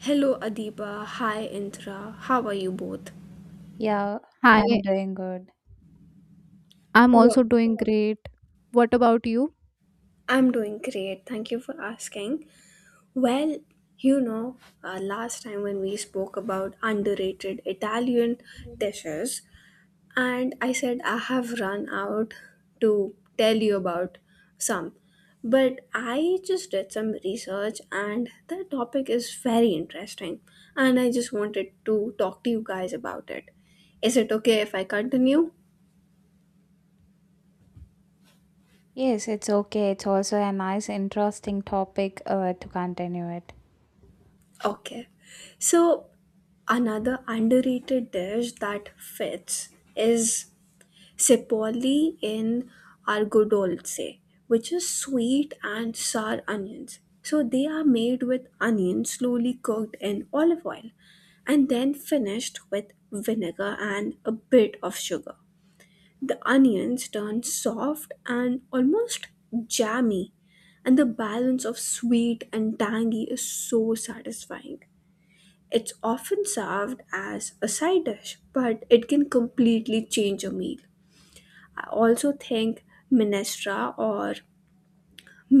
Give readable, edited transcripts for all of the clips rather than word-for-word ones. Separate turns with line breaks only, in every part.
Hello, Adiba. Hi, Intra. How are you both?
Yeah, I'm
Hi,
doing good.
I'm
Well,
also doing great. What about you?
I'm doing great. Thank you for asking. Well, you know, last time when we spoke about underrated Italian dishes, and I said I have run out to tell you about some. But I just did some research, and the topic is very interesting, and I just wanted to talk to you guys about it. Is it okay if I continue?
Yes, it's okay. It's also a nice, interesting topic to continue it.
Okay. So another underrated dish that fits is Sepoli in Argodolce, which is sweet and sour onions. So they are made with onions slowly cooked in olive oil and then finished with vinegar and a bit of sugar. The onions turn soft and almost jammy, and the balance of sweet and tangy is so satisfying. It's often served as a side dish, but it can completely change a meal. I also think minestra or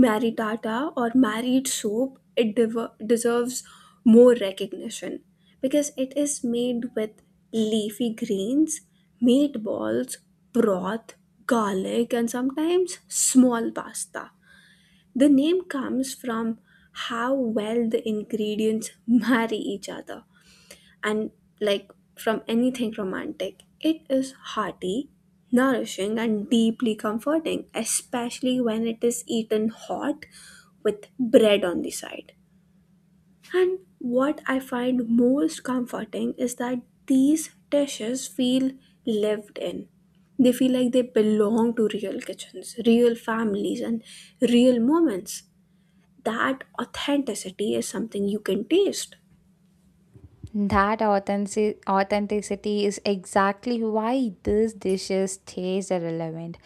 maritata or married soup it deserves more recognition because it is made with leafy greens, meatballs, broth, garlic, and sometimes small pasta. The name comes from how well the ingredients marry each other and like from anything romantic. It is hearty, nourishing, and deeply comforting, especially when it is eaten hot with bread on the side. And what I find most comforting is that these dishes feel lived in. They feel like they belong to real kitchens, real families, and real moments. That authenticity is something you can taste.
That authenticity is exactly why these dishes stays relevant.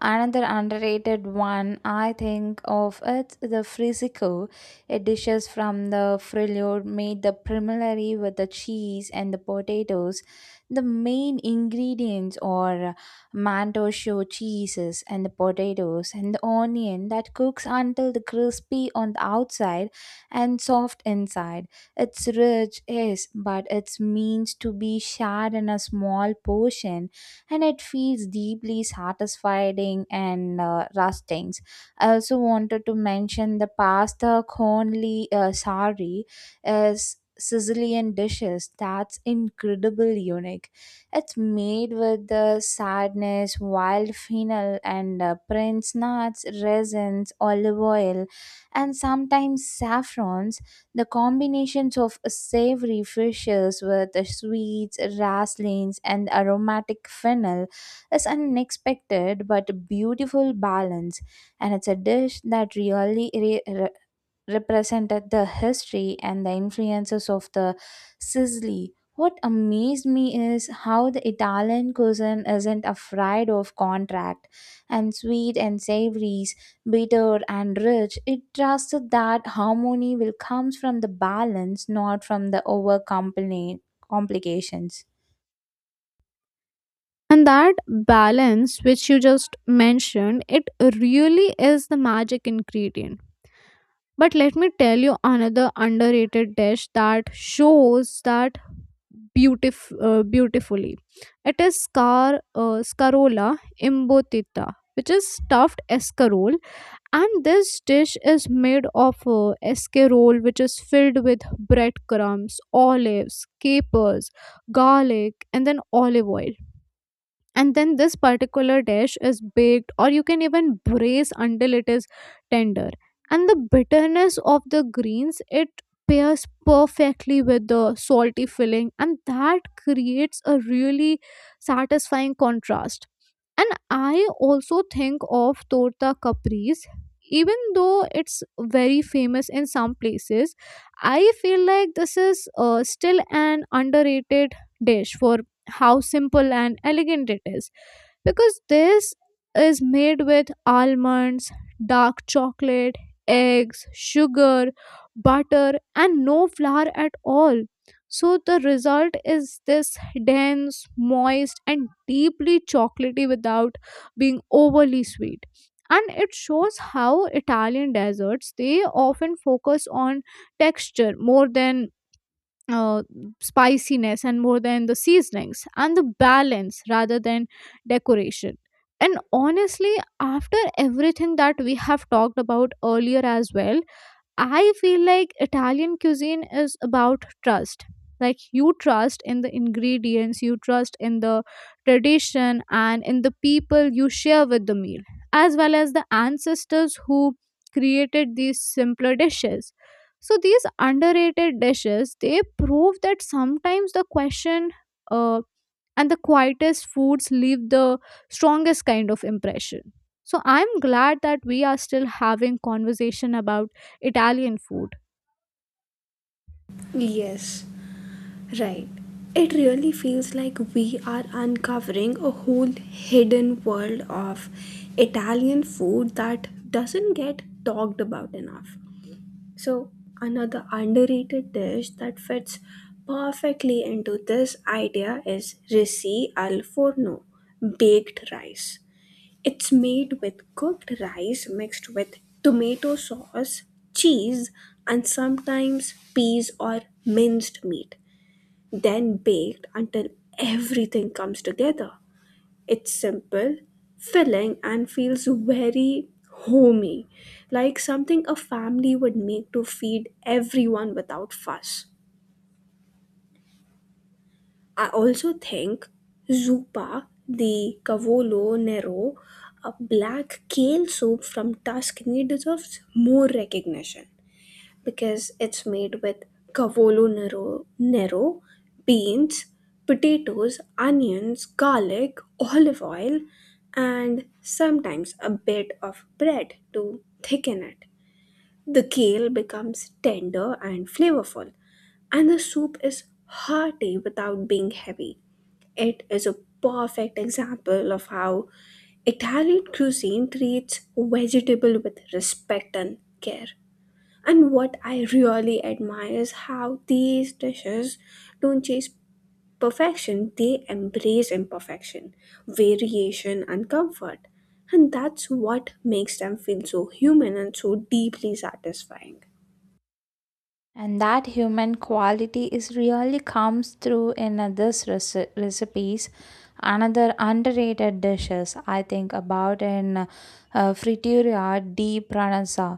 Another underrated one I think of is the frisco. It dishes from the frillo made the primary with the cheese and the potatoes. The main ingredients are manchego cheeses and the potatoes and the onion that cooks until the crispy on the outside and soft inside. It's rich, yes, but it's means to be shared in a small portion, and it feels deeply satisfying and rusting. I also wanted to mention the pasta conli sari is Sicilian dishes that's incredible unique. It's made with the sadness, wild fennel, and prince nuts, resins, olive oil, and sometimes saffrons, the combinations of savory fishes with the sweets, raslings, and aromatic fennel is an unexpected but beautiful balance, and it's a dish that really re- represented the history and the influences of the Sicily. What amazed me is how the Italian cuisine isn't afraid of contract and sweet and savories, bitter and rich. It trusted that harmony will comes from the balance, not from the over complications.
And that balance, which you just mentioned, it really is the magic ingredient. But let me tell you another underrated dish that shows that beautifully. It is scarola imbotita, which is stuffed escarole. And this dish is made of a escarole, which is filled with breadcrumbs, olives, capers, garlic, and then olive oil. And then this particular dish is baked, or you can even braise until it is tender. And the bitterness of the greens, it pairs perfectly with the salty filling, and that creates a really satisfying contrast. And I also think of torta capris. Even though it's very famous in some places, I feel like this is still an underrated dish for how simple and elegant it is. Because this is made with almonds, dark chocolate, eggs, sugar, butter, and no flour at all, so the result is this dense, moist, and deeply chocolatey without being overly sweet. And it shows how Italian desserts, they often focus on texture more than uh, spiciness and more than the seasonings, and the balance rather than decoration. And honestly, after everything that we have talked about earlier as well, I feel like Italian cuisine is about trust. Like, you trust in the ingredients, you trust in the tradition, and in the people you share with the meal, as well as the ancestors who created these simpler dishes. So these underrated dishes, they prove that sometimes the question uh, and the quietest foods leave the strongest kind of impression. So I'm glad that we are still having conversation about Italian food.
Yes. Right. It really feels like we are uncovering a whole hidden world of Italian food that doesn't get talked about enough. So, another underrated dish that fits perfectly into this idea is risi al forno, baked rice. It's made with cooked rice mixed with tomato sauce, cheese, and sometimes peas or minced meat then baked until everything comes together. It's simple, filling, and feels very homey, like something a family would make to feed everyone without fuss. I also think Zupa, the Cavolo Nero, a black kale soup from Tuscany, deserves more recognition, because it's made with cavolo nero, beans, potatoes, onions, garlic, olive oil, and sometimes a bit of bread to thicken it. The kale becomes tender and flavorful, and the soup is hearty without being heavy. It is a perfect example of how Italian cuisine treats vegetable with respect and care. And what I really admire is how these dishes don't chase perfection, they embrace imperfection, variation, and comfort. And that's what makes them feel so human and so deeply satisfying.
And that human quality is really comes through in others recipes. Another underrated dishes I think about in fritura di pranasa,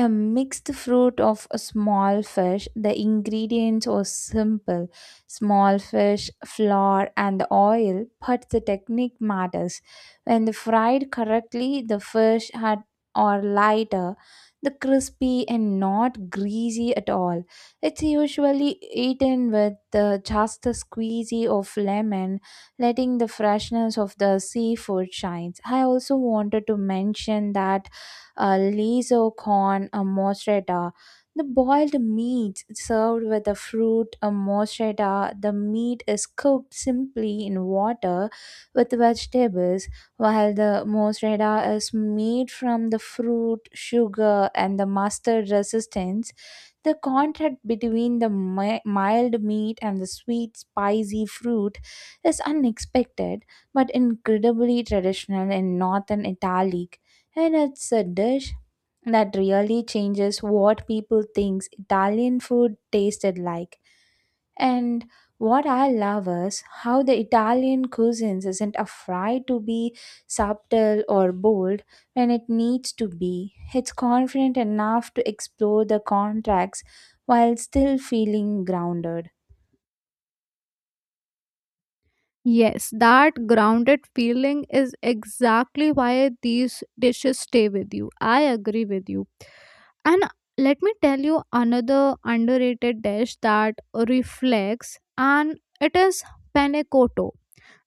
a mixed fruit of a small fish. The ingredients are simple: small fish, flour, and oil, but the technique matters. When the fried correctly, the fish had are lighter, the crispy and not greasy at all. It's usually eaten with just the squeezy of lemon, letting the freshness of the seafood shines. I also wanted to mention that liso con mozzarella, the boiled meat served with the fruit, a mozzarella. The meat is cooked simply in water with vegetables, while the mozzarella is made from the fruit, sugar, and the mustard resistance. The contrast between the mild meat and the sweet, spicy fruit is unexpected but incredibly traditional in northern Italy, and it's a dish that really changes what people thinks Italian food tasted like. And what I love is how the Italian cuisines isn't afraid to be subtle or bold when it needs to be. It's confident enough to explore the contracts while still feeling grounded.
Yes, that grounded feeling is exactly why these dishes stay with you. I agree with you. And let me tell you another underrated dish that reflects, and it is penne cotto,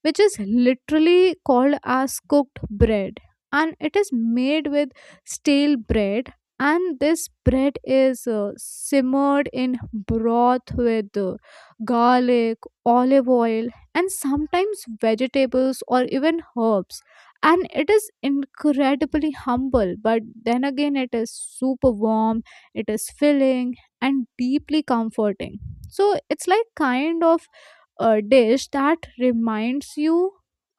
which is literally called as cooked bread. And it is made with stale bread, and this bread is simmered in broth with garlic, olive oil, and sometimes vegetables or even herbs. And it is incredibly humble, but then again, it is super warm, it is filling, and deeply comforting. So it's like kind of dish that reminds you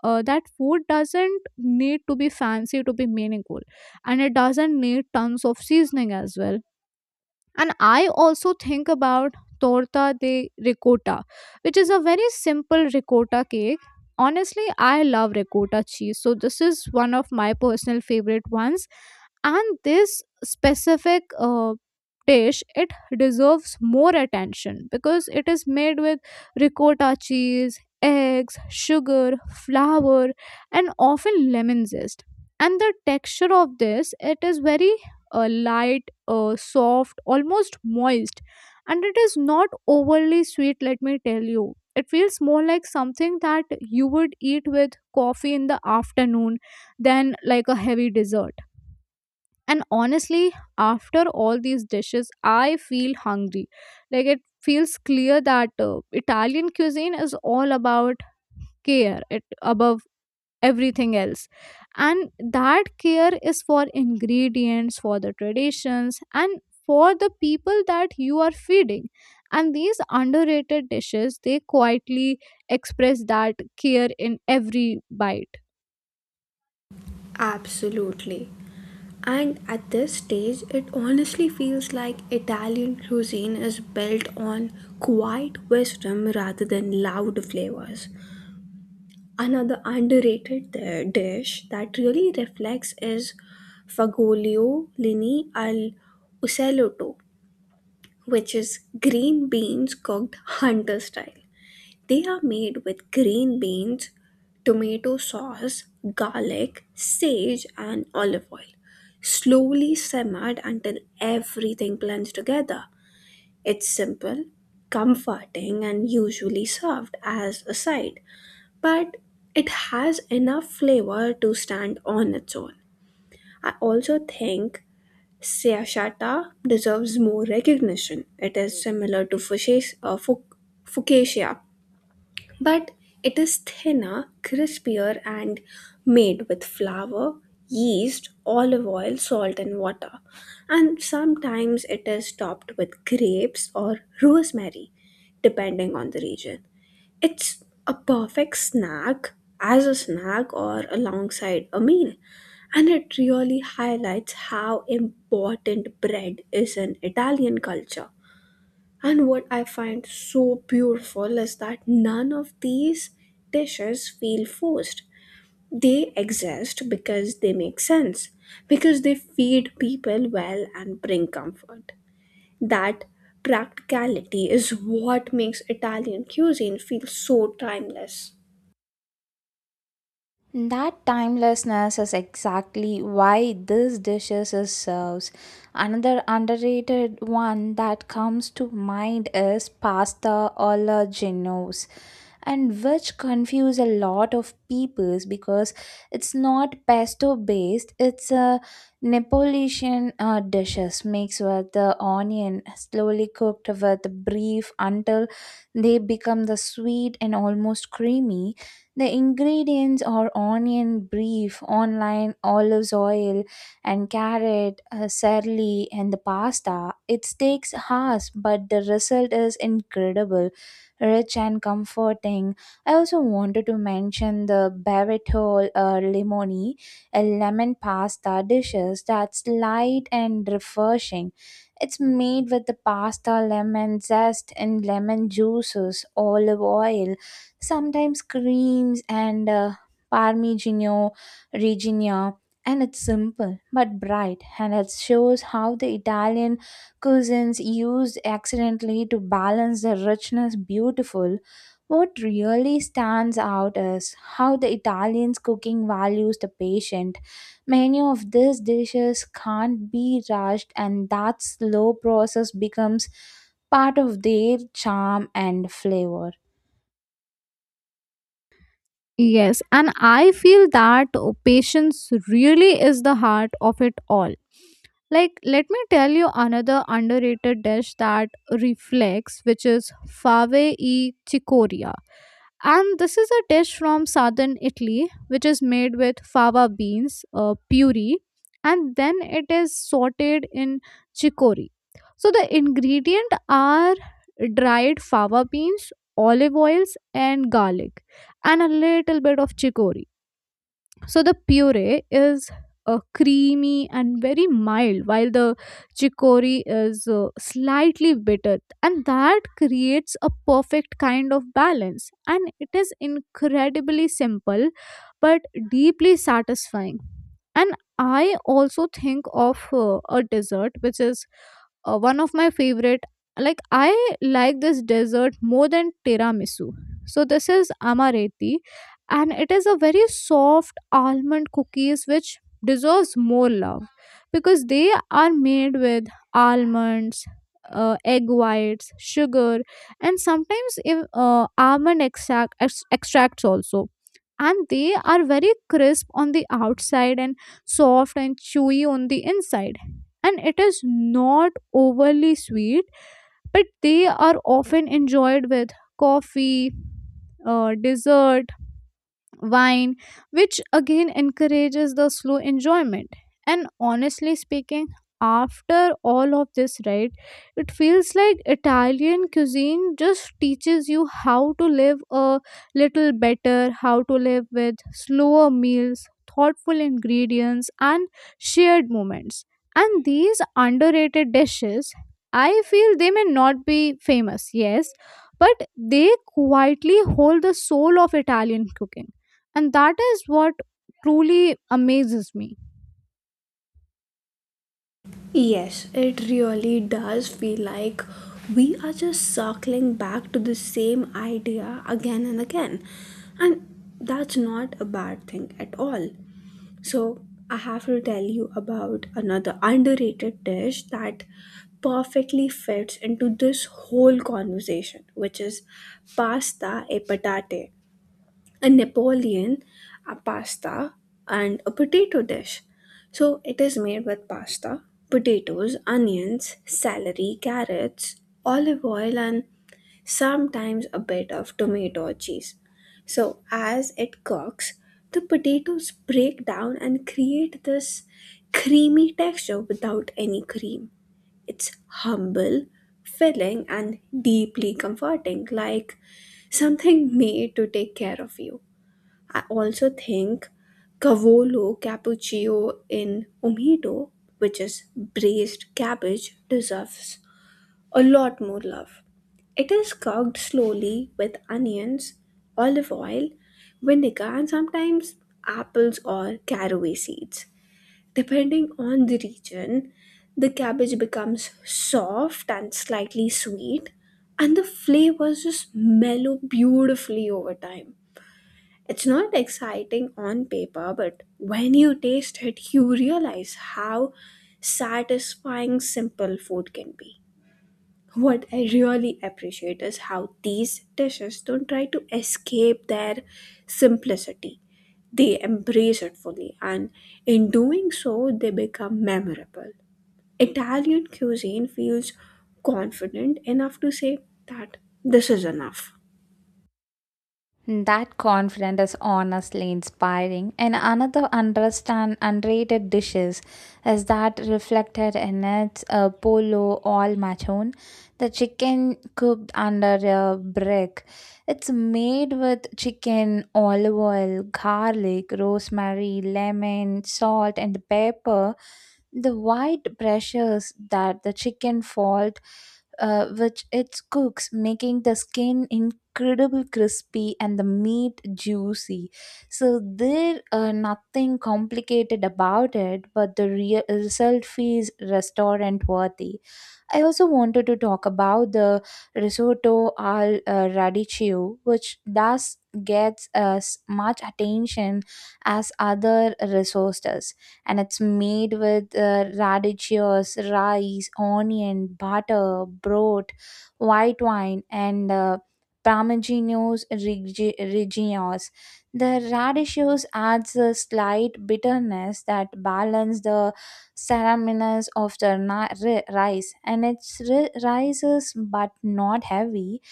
that food doesn't need to be fancy to be meaningful, and it doesn't need tons of seasoning as well. And I also think about torta de ricotta, which is a very simple ricotta cake. Honestly, I love ricotta cheese, so this is one of my personal favorite ones. And this specific dish, it deserves more attention because it is made with ricotta cheese, eggs, sugar, flour, and often lemon zest. And the texture of this, it is very light, soft, almost moist, and it is not overly sweet, let me tell you. It feels more like something that you would eat with coffee in the afternoon than like a heavy dessert. And honestly, after all these dishes, I feel hungry. Like, it feels clear that Italian cuisine is all about care, it above everything else. And that care is for ingredients, for the traditions, and for the people that you are feeding. And these underrated dishes, they quietly express that care in every bite.
Absolutely. And at this stage, it honestly feels like Italian cuisine is built on quiet wisdom rather than loud flavors. Another underrated dish that really reflects is fagioli lini al uselotto, which is green beans cooked hunter style. They are made with green beans, tomato sauce, garlic, sage, and olive oil. Slowly simmered until everything blends together. It's simple, comforting, and usually served as a side, but it has enough flavor to stand on its own. I also think Seashata deserves more recognition. It is similar to Fucasia, but it is thinner, crispier, and made with flour, yeast, olive oil, salt, and water. And sometimes it is topped with grapes or rosemary, depending on the region. It's a perfect snack as a snack or alongside a meal, and it really highlights how important bread is in Italian culture. And what I find so beautiful is that none of these dishes feel forced. They exist because they make sense, because they feed people well and bring comfort. That practicality is what makes Italian cuisine feel so timeless.
That timelessness is exactly why this dishes is serves. Another underrated one that comes to mind is pasta alla genovese, and which confuse a lot of peoples because it's not pesto based. It's a Neapolitan dishes mixed with the onion slowly cooked with brief until they become the sweet and almost creamy. The ingredients are onion, brief, online, olives oil, and carrot, searly, and the pasta. It takes hours, but the result is incredible rich and comforting. I also wanted to mention the Barretto Limoni, a lemon pasta dishes that's light and refreshing. It's made with the pasta, lemon zest, and lemon juices, olive oil, sometimes creams, and Parmigiano Reggiano. And it's simple but bright, and it shows how the Italian cuisines used accidentally to balance the richness beautiful. What really stands out is how the Italians' cooking values the patient. Many of these dishes can't be rushed, and that slow process becomes part of their charm and flavor.
Yes, and I feel that patience really is the heart of it all. Like, let me tell you another underrated dish that reflects, which is fave e chicoria. And this is a dish from southern Italy, which is made with fava beans, puri, and then it is sauteed in chicory. So the ingredient are dried fava beans, olive oils, and garlic, and a little bit of chicory. So the puree is creamy and very mild, while the chicory is slightly bitter, and that creates a perfect kind of balance. And it is incredibly simple but deeply satisfying. And I also think of a dessert, which is one of my favorite. Like, I like this dessert more than tiramisu. So this is amaretti, and it is a very soft almond cookies which deserves more love, because they are made with almonds, egg whites, sugar, and sometimes almond extract, extracts also. And they are very crisp on the outside and soft and chewy on the inside, and it is not overly sweet, but they are often enjoyed with coffee, dessert wine, which again encourages the slow enjoyment. And honestly speaking, after all of this, right, it feels like Italian cuisine just teaches you how to live a little better, how to live with slower meals, thoughtful ingredients, and shared moments. And these underrated dishes, I feel they may not be famous, yes, but they quietly hold the soul of Italian cooking, and that is what truly amazes me.
Yes, it really does feel like we are just circling back to the same idea again and again. And that's not a bad thing at all. So, I have to tell you about another underrated dish that perfectly fits into this whole conversation, which is pasta e patate a Napoleon, a pasta, and a potato dish. So it is made with pasta, potatoes, onions, celery, carrots, olive oil, and sometimes a bit of tomato or cheese. So as it cooks, the potatoes break down and create this creamy texture without any cream. It's humble, filling, and deeply comforting, like something made to take care of you. I also think cavolo cappuccio in Umido, which is braised cabbage, deserves a lot more love. It is cooked slowly with onions, olive oil, vinegar, and sometimes apples or caraway seeds. Depending on the region, the cabbage becomes soft and slightly sweet, and the flavors just mellow beautifully over time. It's not exciting on paper, but when you taste it, you realize how satisfying simple food can be. What I really appreciate is how these dishes don't try to escape their simplicity. They embrace it fully, and in doing so, they become memorable. Italian cuisine feels confident enough to say that this is enough.
That confidence is honestly inspiring. And another understand underrated dishes is that reflected in its polo al machon, the chicken cooked under a brick. It's made with chicken, olive oil, garlic, rosemary, lemon, salt, and pepper. The white pressures that the chicken fault which it cooks, making the skin incredible crispy and the meat juicy, so there nothing complicated about it, but the real result feels restaurant worthy. I also wanted to talk about the risotto al radicchio, which thus gets as much attention as other risottos, and it's made with radicchios, rice, onion, butter, broth, white wine, and Parmigianos Reggianos. The radicchios adds a slight bitterness that balance the ceremonies of the rice, and its rises but not heavy,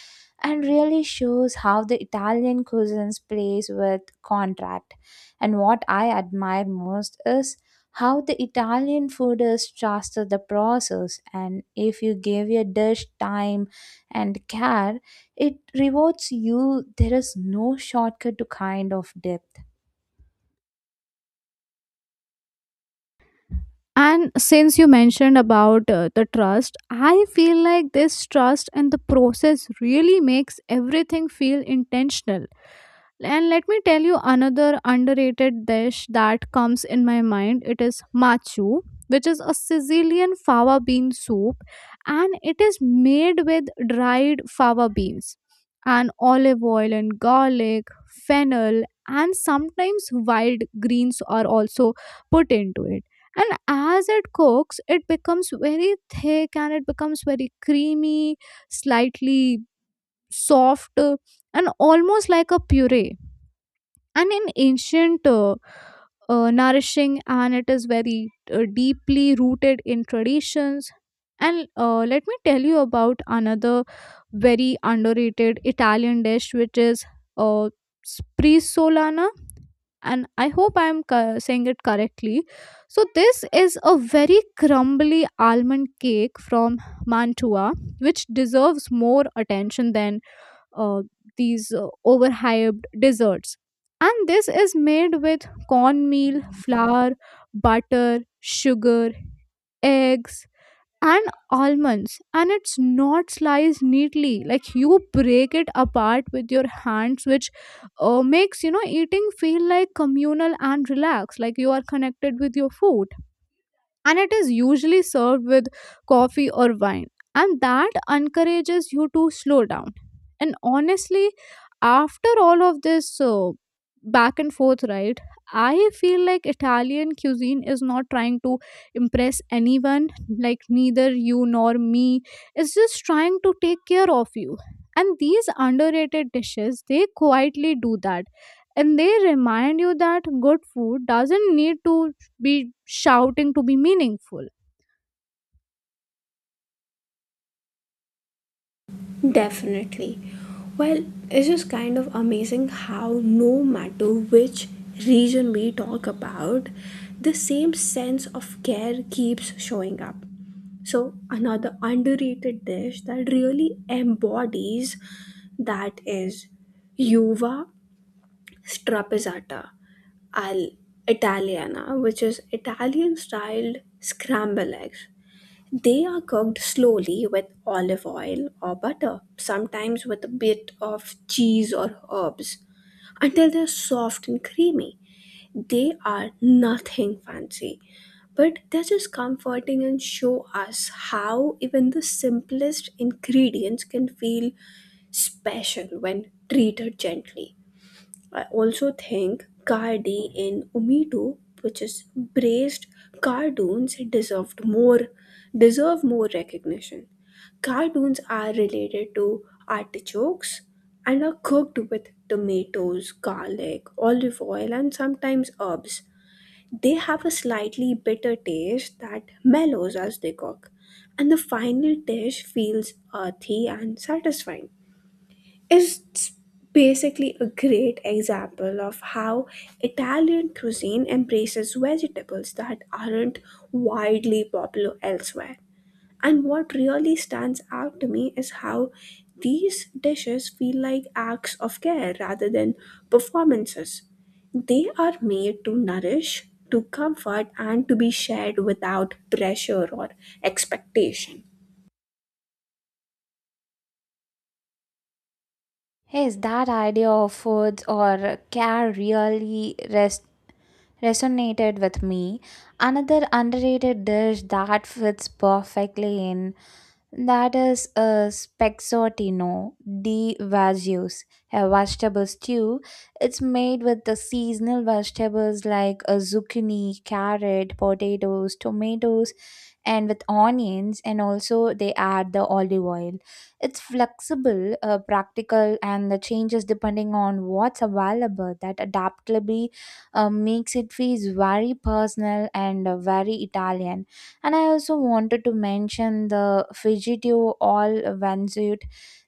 and really shows how the Italian cuisines plays with contract. And what I admire most is how the Italian food is trusted the process, and if you give your dish time and care, it rewards you. There is no shortcut to kind of depth.
And since you mentioned about the trust, I feel like this trust and the process really makes everything feel intentional. And let me tell you another underrated dish that comes in my mind. It is machu, which is a Sicilian fava bean soup, and it is made with dried fava beans and olive oil and garlic, fennel, and sometimes wild greens are also put into it. And as it cooks, it becomes very thick and it becomes very creamy, slightly soft, and almost like a puree, and in ancient nourishing, and it is very deeply rooted in traditions. And let me tell you about another very underrated Italian dish, which is uh, sprizolana, and I hope I'm saying it correctly. So this is a very crumbly almond cake from Mantua, which deserves more attention than uh, these overhyped desserts. And this is made with cornmeal, flour, butter, sugar, eggs, and almonds. And it's not sliced neatly. Like, you break it apart with your hands, which makes, you know, eating feel like communal and relaxed, like you are connected with your food. And it is usually served with coffee or wine, and that encourages you to slow down. And honestly, after all of this, back and forth, right, I feel like Italian cuisine is not trying to impress anyone, like neither you nor me. It's just trying to take care of you. And these underrated dishes, they quietly do that, and they remind you that good food doesn't need to be shouting to be meaningful.
Definitely. Well, it's just kind of amazing how, no matter which region we talk about, the same sense of care keeps showing up. So, another underrated dish that really embodies that is uva strapazzata al Italiana, which is Italian styled scramble eggs. They are cooked slowly with olive oil or butter, sometimes with a bit of cheese or herbs, until they're soft and creamy. They are nothing fancy, but they're just comforting and show us how even the simplest ingredients can feel special when treated gently. I also think Cardi in Umitu, which is braced cartoons, deserve more recognition. Cartoons are related to artichokes and are cooked with tomatoes, garlic, olive oil, and sometimes herbs. They have a slightly bitter taste that mellows as they cook, and the final dish feels earthy and satisfying. It's basically a great example of how Italian cuisine embraces vegetables that aren't widely popular elsewhere. And what really stands out to me is how these dishes feel like acts of care rather than performances. They are made to nourish, to comfort, and to be shared without pressure or expectation.
Yes, that idea of food or care really rest resonated with me. Another underrated dish that fits perfectly in that is a spexotino di Vasius, a vegetable stew. It's made with the seasonal vegetables like a zucchini, carrot, potatoes, tomatoes, and with onions, and also they add the olive oil. It's flexible, practical, and the changes depending on what's available. That adaptability makes it feel very personal and very Italian. And I also wanted to mention the Fijitio all vanzut,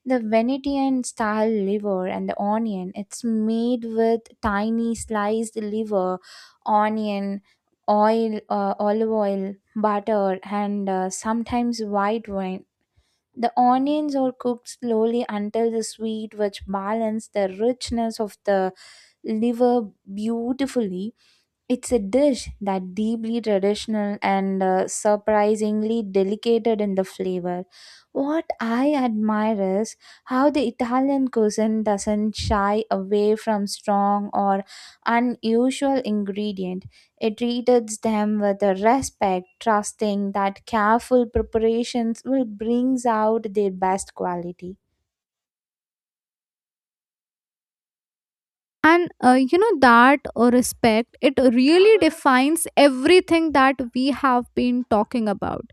the Venetian style liver and the onion. It's made with tiny sliced liver, onion, oil, olive oil, butter, and sometimes white wine. The onions are cooked slowly until the sweet, which balance the richness of the liver beautifully. It's a dish that deeply traditional and surprisingly delicate in the flavor. What I admire is how the Italian cuisine doesn't shy away from strong or unusual ingredient. It treats them with a respect, trusting that careful preparations will bring out their best quality.
And you know that respect, it really defines everything that we have been talking about.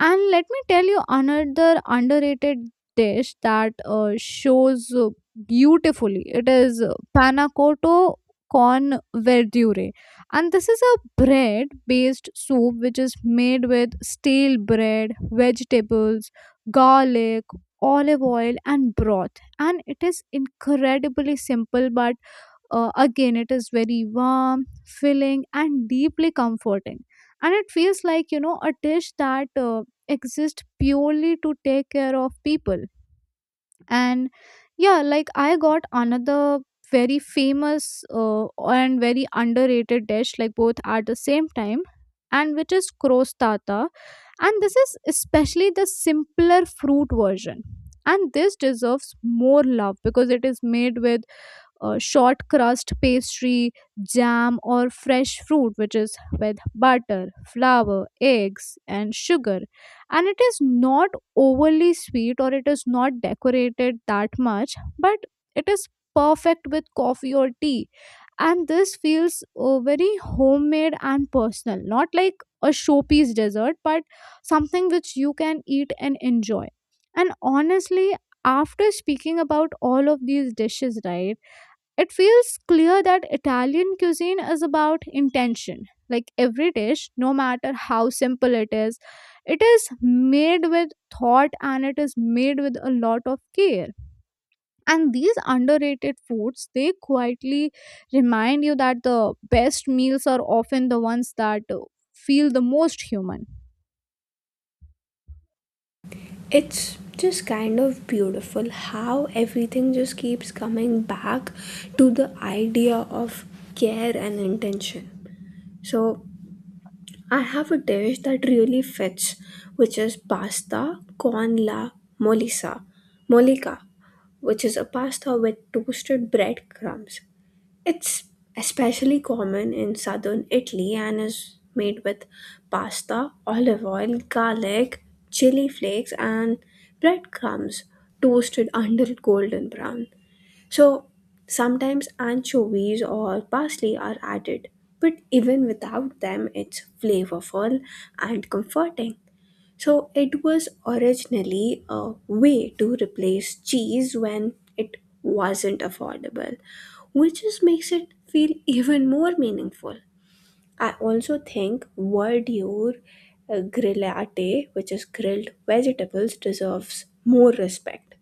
And let me tell you another underrated dish that shows beautifully. It is panna cotta con verdure. And this is a bread based soup which is made with stale bread, vegetables, garlic, olive oil, and broth. And it is incredibly simple, but again, it is very warm, filling, and deeply comforting. And it feels like, you know, a dish that exists purely to take care of people. And yeah, like, I got another very famous and very underrated dish, like both at the same time, and which is crostata. And this is especially the simpler fruit version. And this deserves more love because it is made with short crust pastry, jam, or fresh fruit, which is with butter, flour, eggs, and sugar. And it is not overly sweet, or it is not decorated that much, but it is perfect with coffee or tea. And this feels very homemade and personal, not like a showpiece dessert, but something which you can eat and enjoy. And honestly, after speaking about all of these dishes, right? It feels clear that Italian cuisine is about intention. Like, every dish, no matter how simple it is made with thought, and it is made with a lot of care. And these underrated foods, they quietly remind you that the best meals are often the ones that feel the most human.
It's just kind of beautiful how everything just keeps coming back to the idea of care and intention. So, I have a dish that really fits, which is pasta con la molisa, mollica, which is a pasta with toasted breadcrumbs. It's especially common in southern Italy and is made with pasta, olive oil, garlic, chili flakes, and breadcrumbs toasted until golden brown. So sometimes anchovies or parsley are added, but even without them, it's flavorful and comforting. So it was originally a way to replace cheese when it wasn't affordable, which just makes it feel even more meaningful. I also think verdure grillate, which is grilled vegetables, deserves more respect.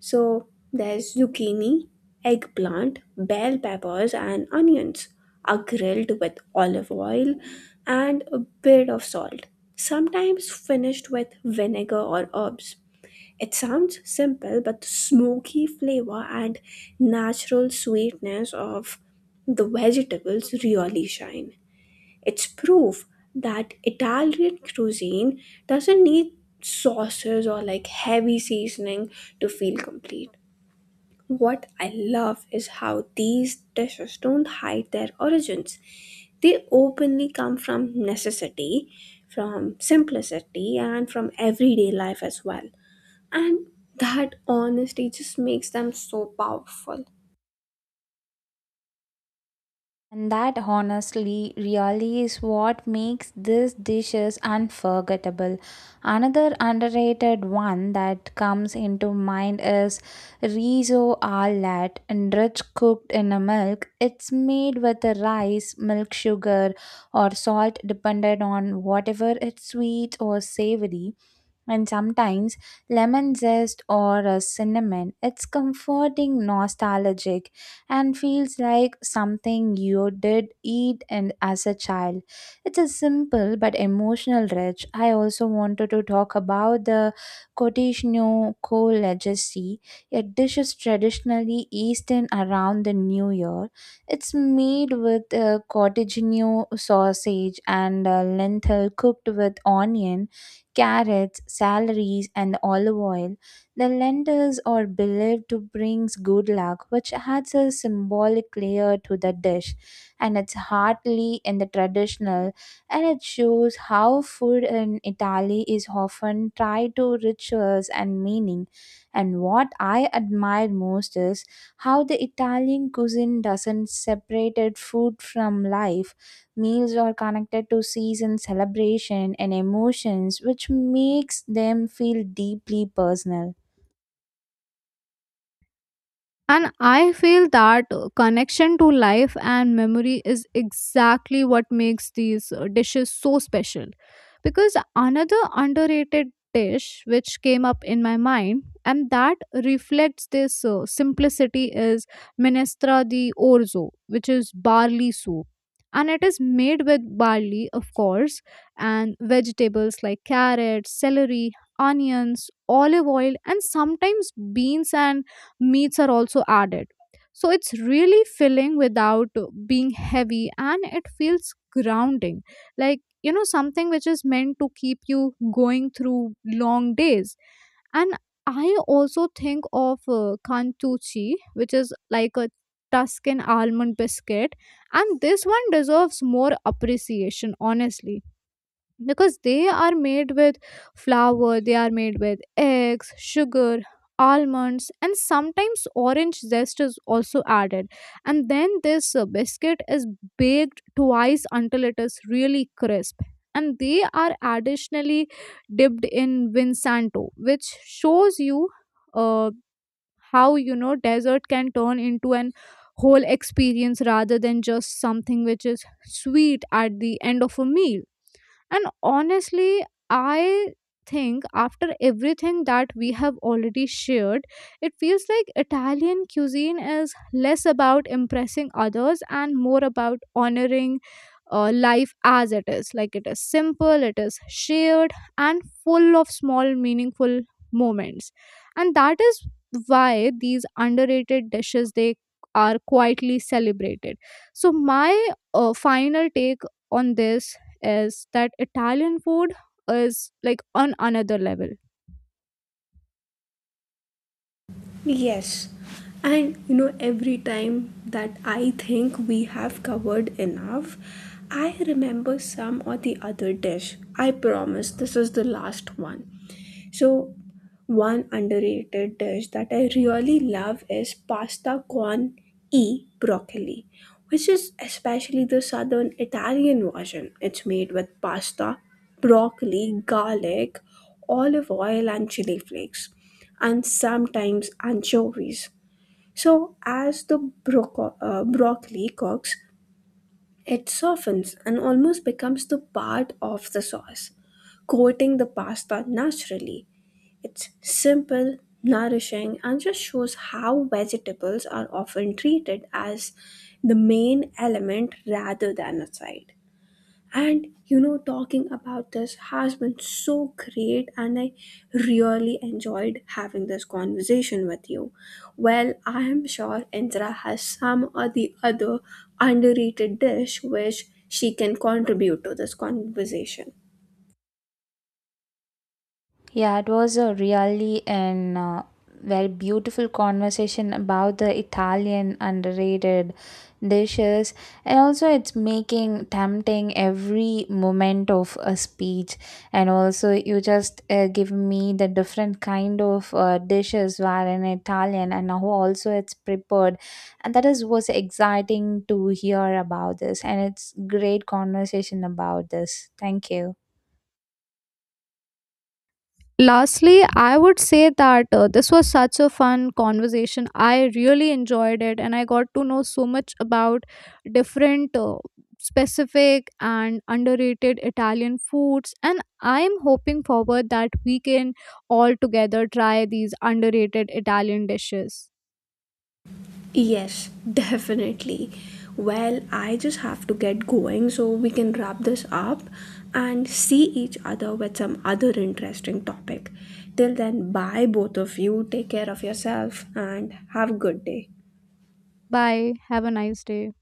So there's zucchini, eggplant, bell peppers, and onions are grilled with olive oil and a bit of salt, sometimes finished with vinegar or herbs. It sounds simple, but the smoky flavor and natural sweetness of the vegetables really shine. It's proof that Italian cuisine doesn't need sauces or like heavy seasoning to feel complete. What I love is how these dishes don't hide their origins. They openly come from necessity, from simplicity, and from everyday life as well. And that honesty just makes them so powerful.
And that honestly really is what makes these dishes unforgettable. Another underrated one that comes into mind is riso alat, and rich cooked in a milk. It's made with the rice, milk, sugar, or salt, depended on whatever it's sweet or savory, and sometimes lemon zest or a cinnamon. It's comforting, nostalgic, and feels like something you did eat and as a child. It's a simple but emotional rich. I also wanted to talk about the Cotishno Co legacy, a dish is traditionally eaten around the New Year. It's made with cottage sausage and lentil cooked with onion, carrots, salaries, and olive oil. The lentils are believed to bring good luck, which adds a symbolic layer to the dish. And it's hardly in the traditional, and it shows how food in Italy is often tied to rituals and meaning. And what I admire most is how the Italian cuisine doesn't separate food from life. Meals are connected to season, celebration, and emotions, which makes them feel deeply personal.
And I feel that connection to life and memory is exactly what makes these dishes so special. Because another underrated dish which came up in my mind and that reflects this simplicity is minestra di orzo, which is barley soup. And it is made with barley, of course, and vegetables like carrots, celery, onions, olive oil, and sometimes beans and meats are also added. So it's really filling without being heavy, and it feels grounding, like, you know, something which is meant to keep you going through long days. And I also think of kantuchi, which is like a Tuscan almond biscuit, and this one deserves more appreciation, honestly, because they are made with flour, they are made with eggs, sugar, almonds, and sometimes orange zest is also added. And then this biscuit is baked twice until it is really crisp, and they are additionally dipped in vinsanto, which shows you uh, how, you know, dessert can turn into an whole experience rather than just something which is sweet at the end of a meal. And honestly, I think after everything that we have already shared, it feels like Italian cuisine is less about impressing others and more about honoring life as it is. Like, it is simple, it is shared, and full of small meaningful moments. And that is why these underrated dishes, they are quietly celebrated. So my final take on this is that Italian food is like on another level.
Yes. And you know, every time that I think we have covered enough, I remember some or the other dish. I promise this is the last one. So one underrated dish that I really love is pasta con e broccoli, which is especially the southern Italian version. It's made with pasta, broccoli, garlic, olive oil, and chili flakes, and sometimes anchovies. So, as the broccoli cooks, it softens and almost becomes the part of the sauce, coating the pasta naturally. It's simple, nourishing, and just shows how vegetables are often treated as the main element rather than a side. And you know, talking about this has been so great, and I really enjoyed having this conversation with you. Well, I am sure Indra has some or the other underrated dish which she can contribute to this conversation.
Yeah, it was a really an very beautiful conversation about the Italian underrated dishes, and also it's making tempting every moment of a speech, and also you just give me the different kind of dishes were in Italian and how also it's prepared, and that is was exciting to hear about this, and it's great conversation about this. Thank you.
Lastly, I would say that this was such a fun conversation. I really enjoyed it, and I got to know so much about different specific and underrated Italian foods, and I'm hoping forward that we can all together try these underrated Italian dishes.
Yes, definitely. Well, I just have to get going so we can wrap this up and see each other with some other interesting topic. Till then, bye, both of you. Take care of yourself and have a good day.
Bye. Have a nice day.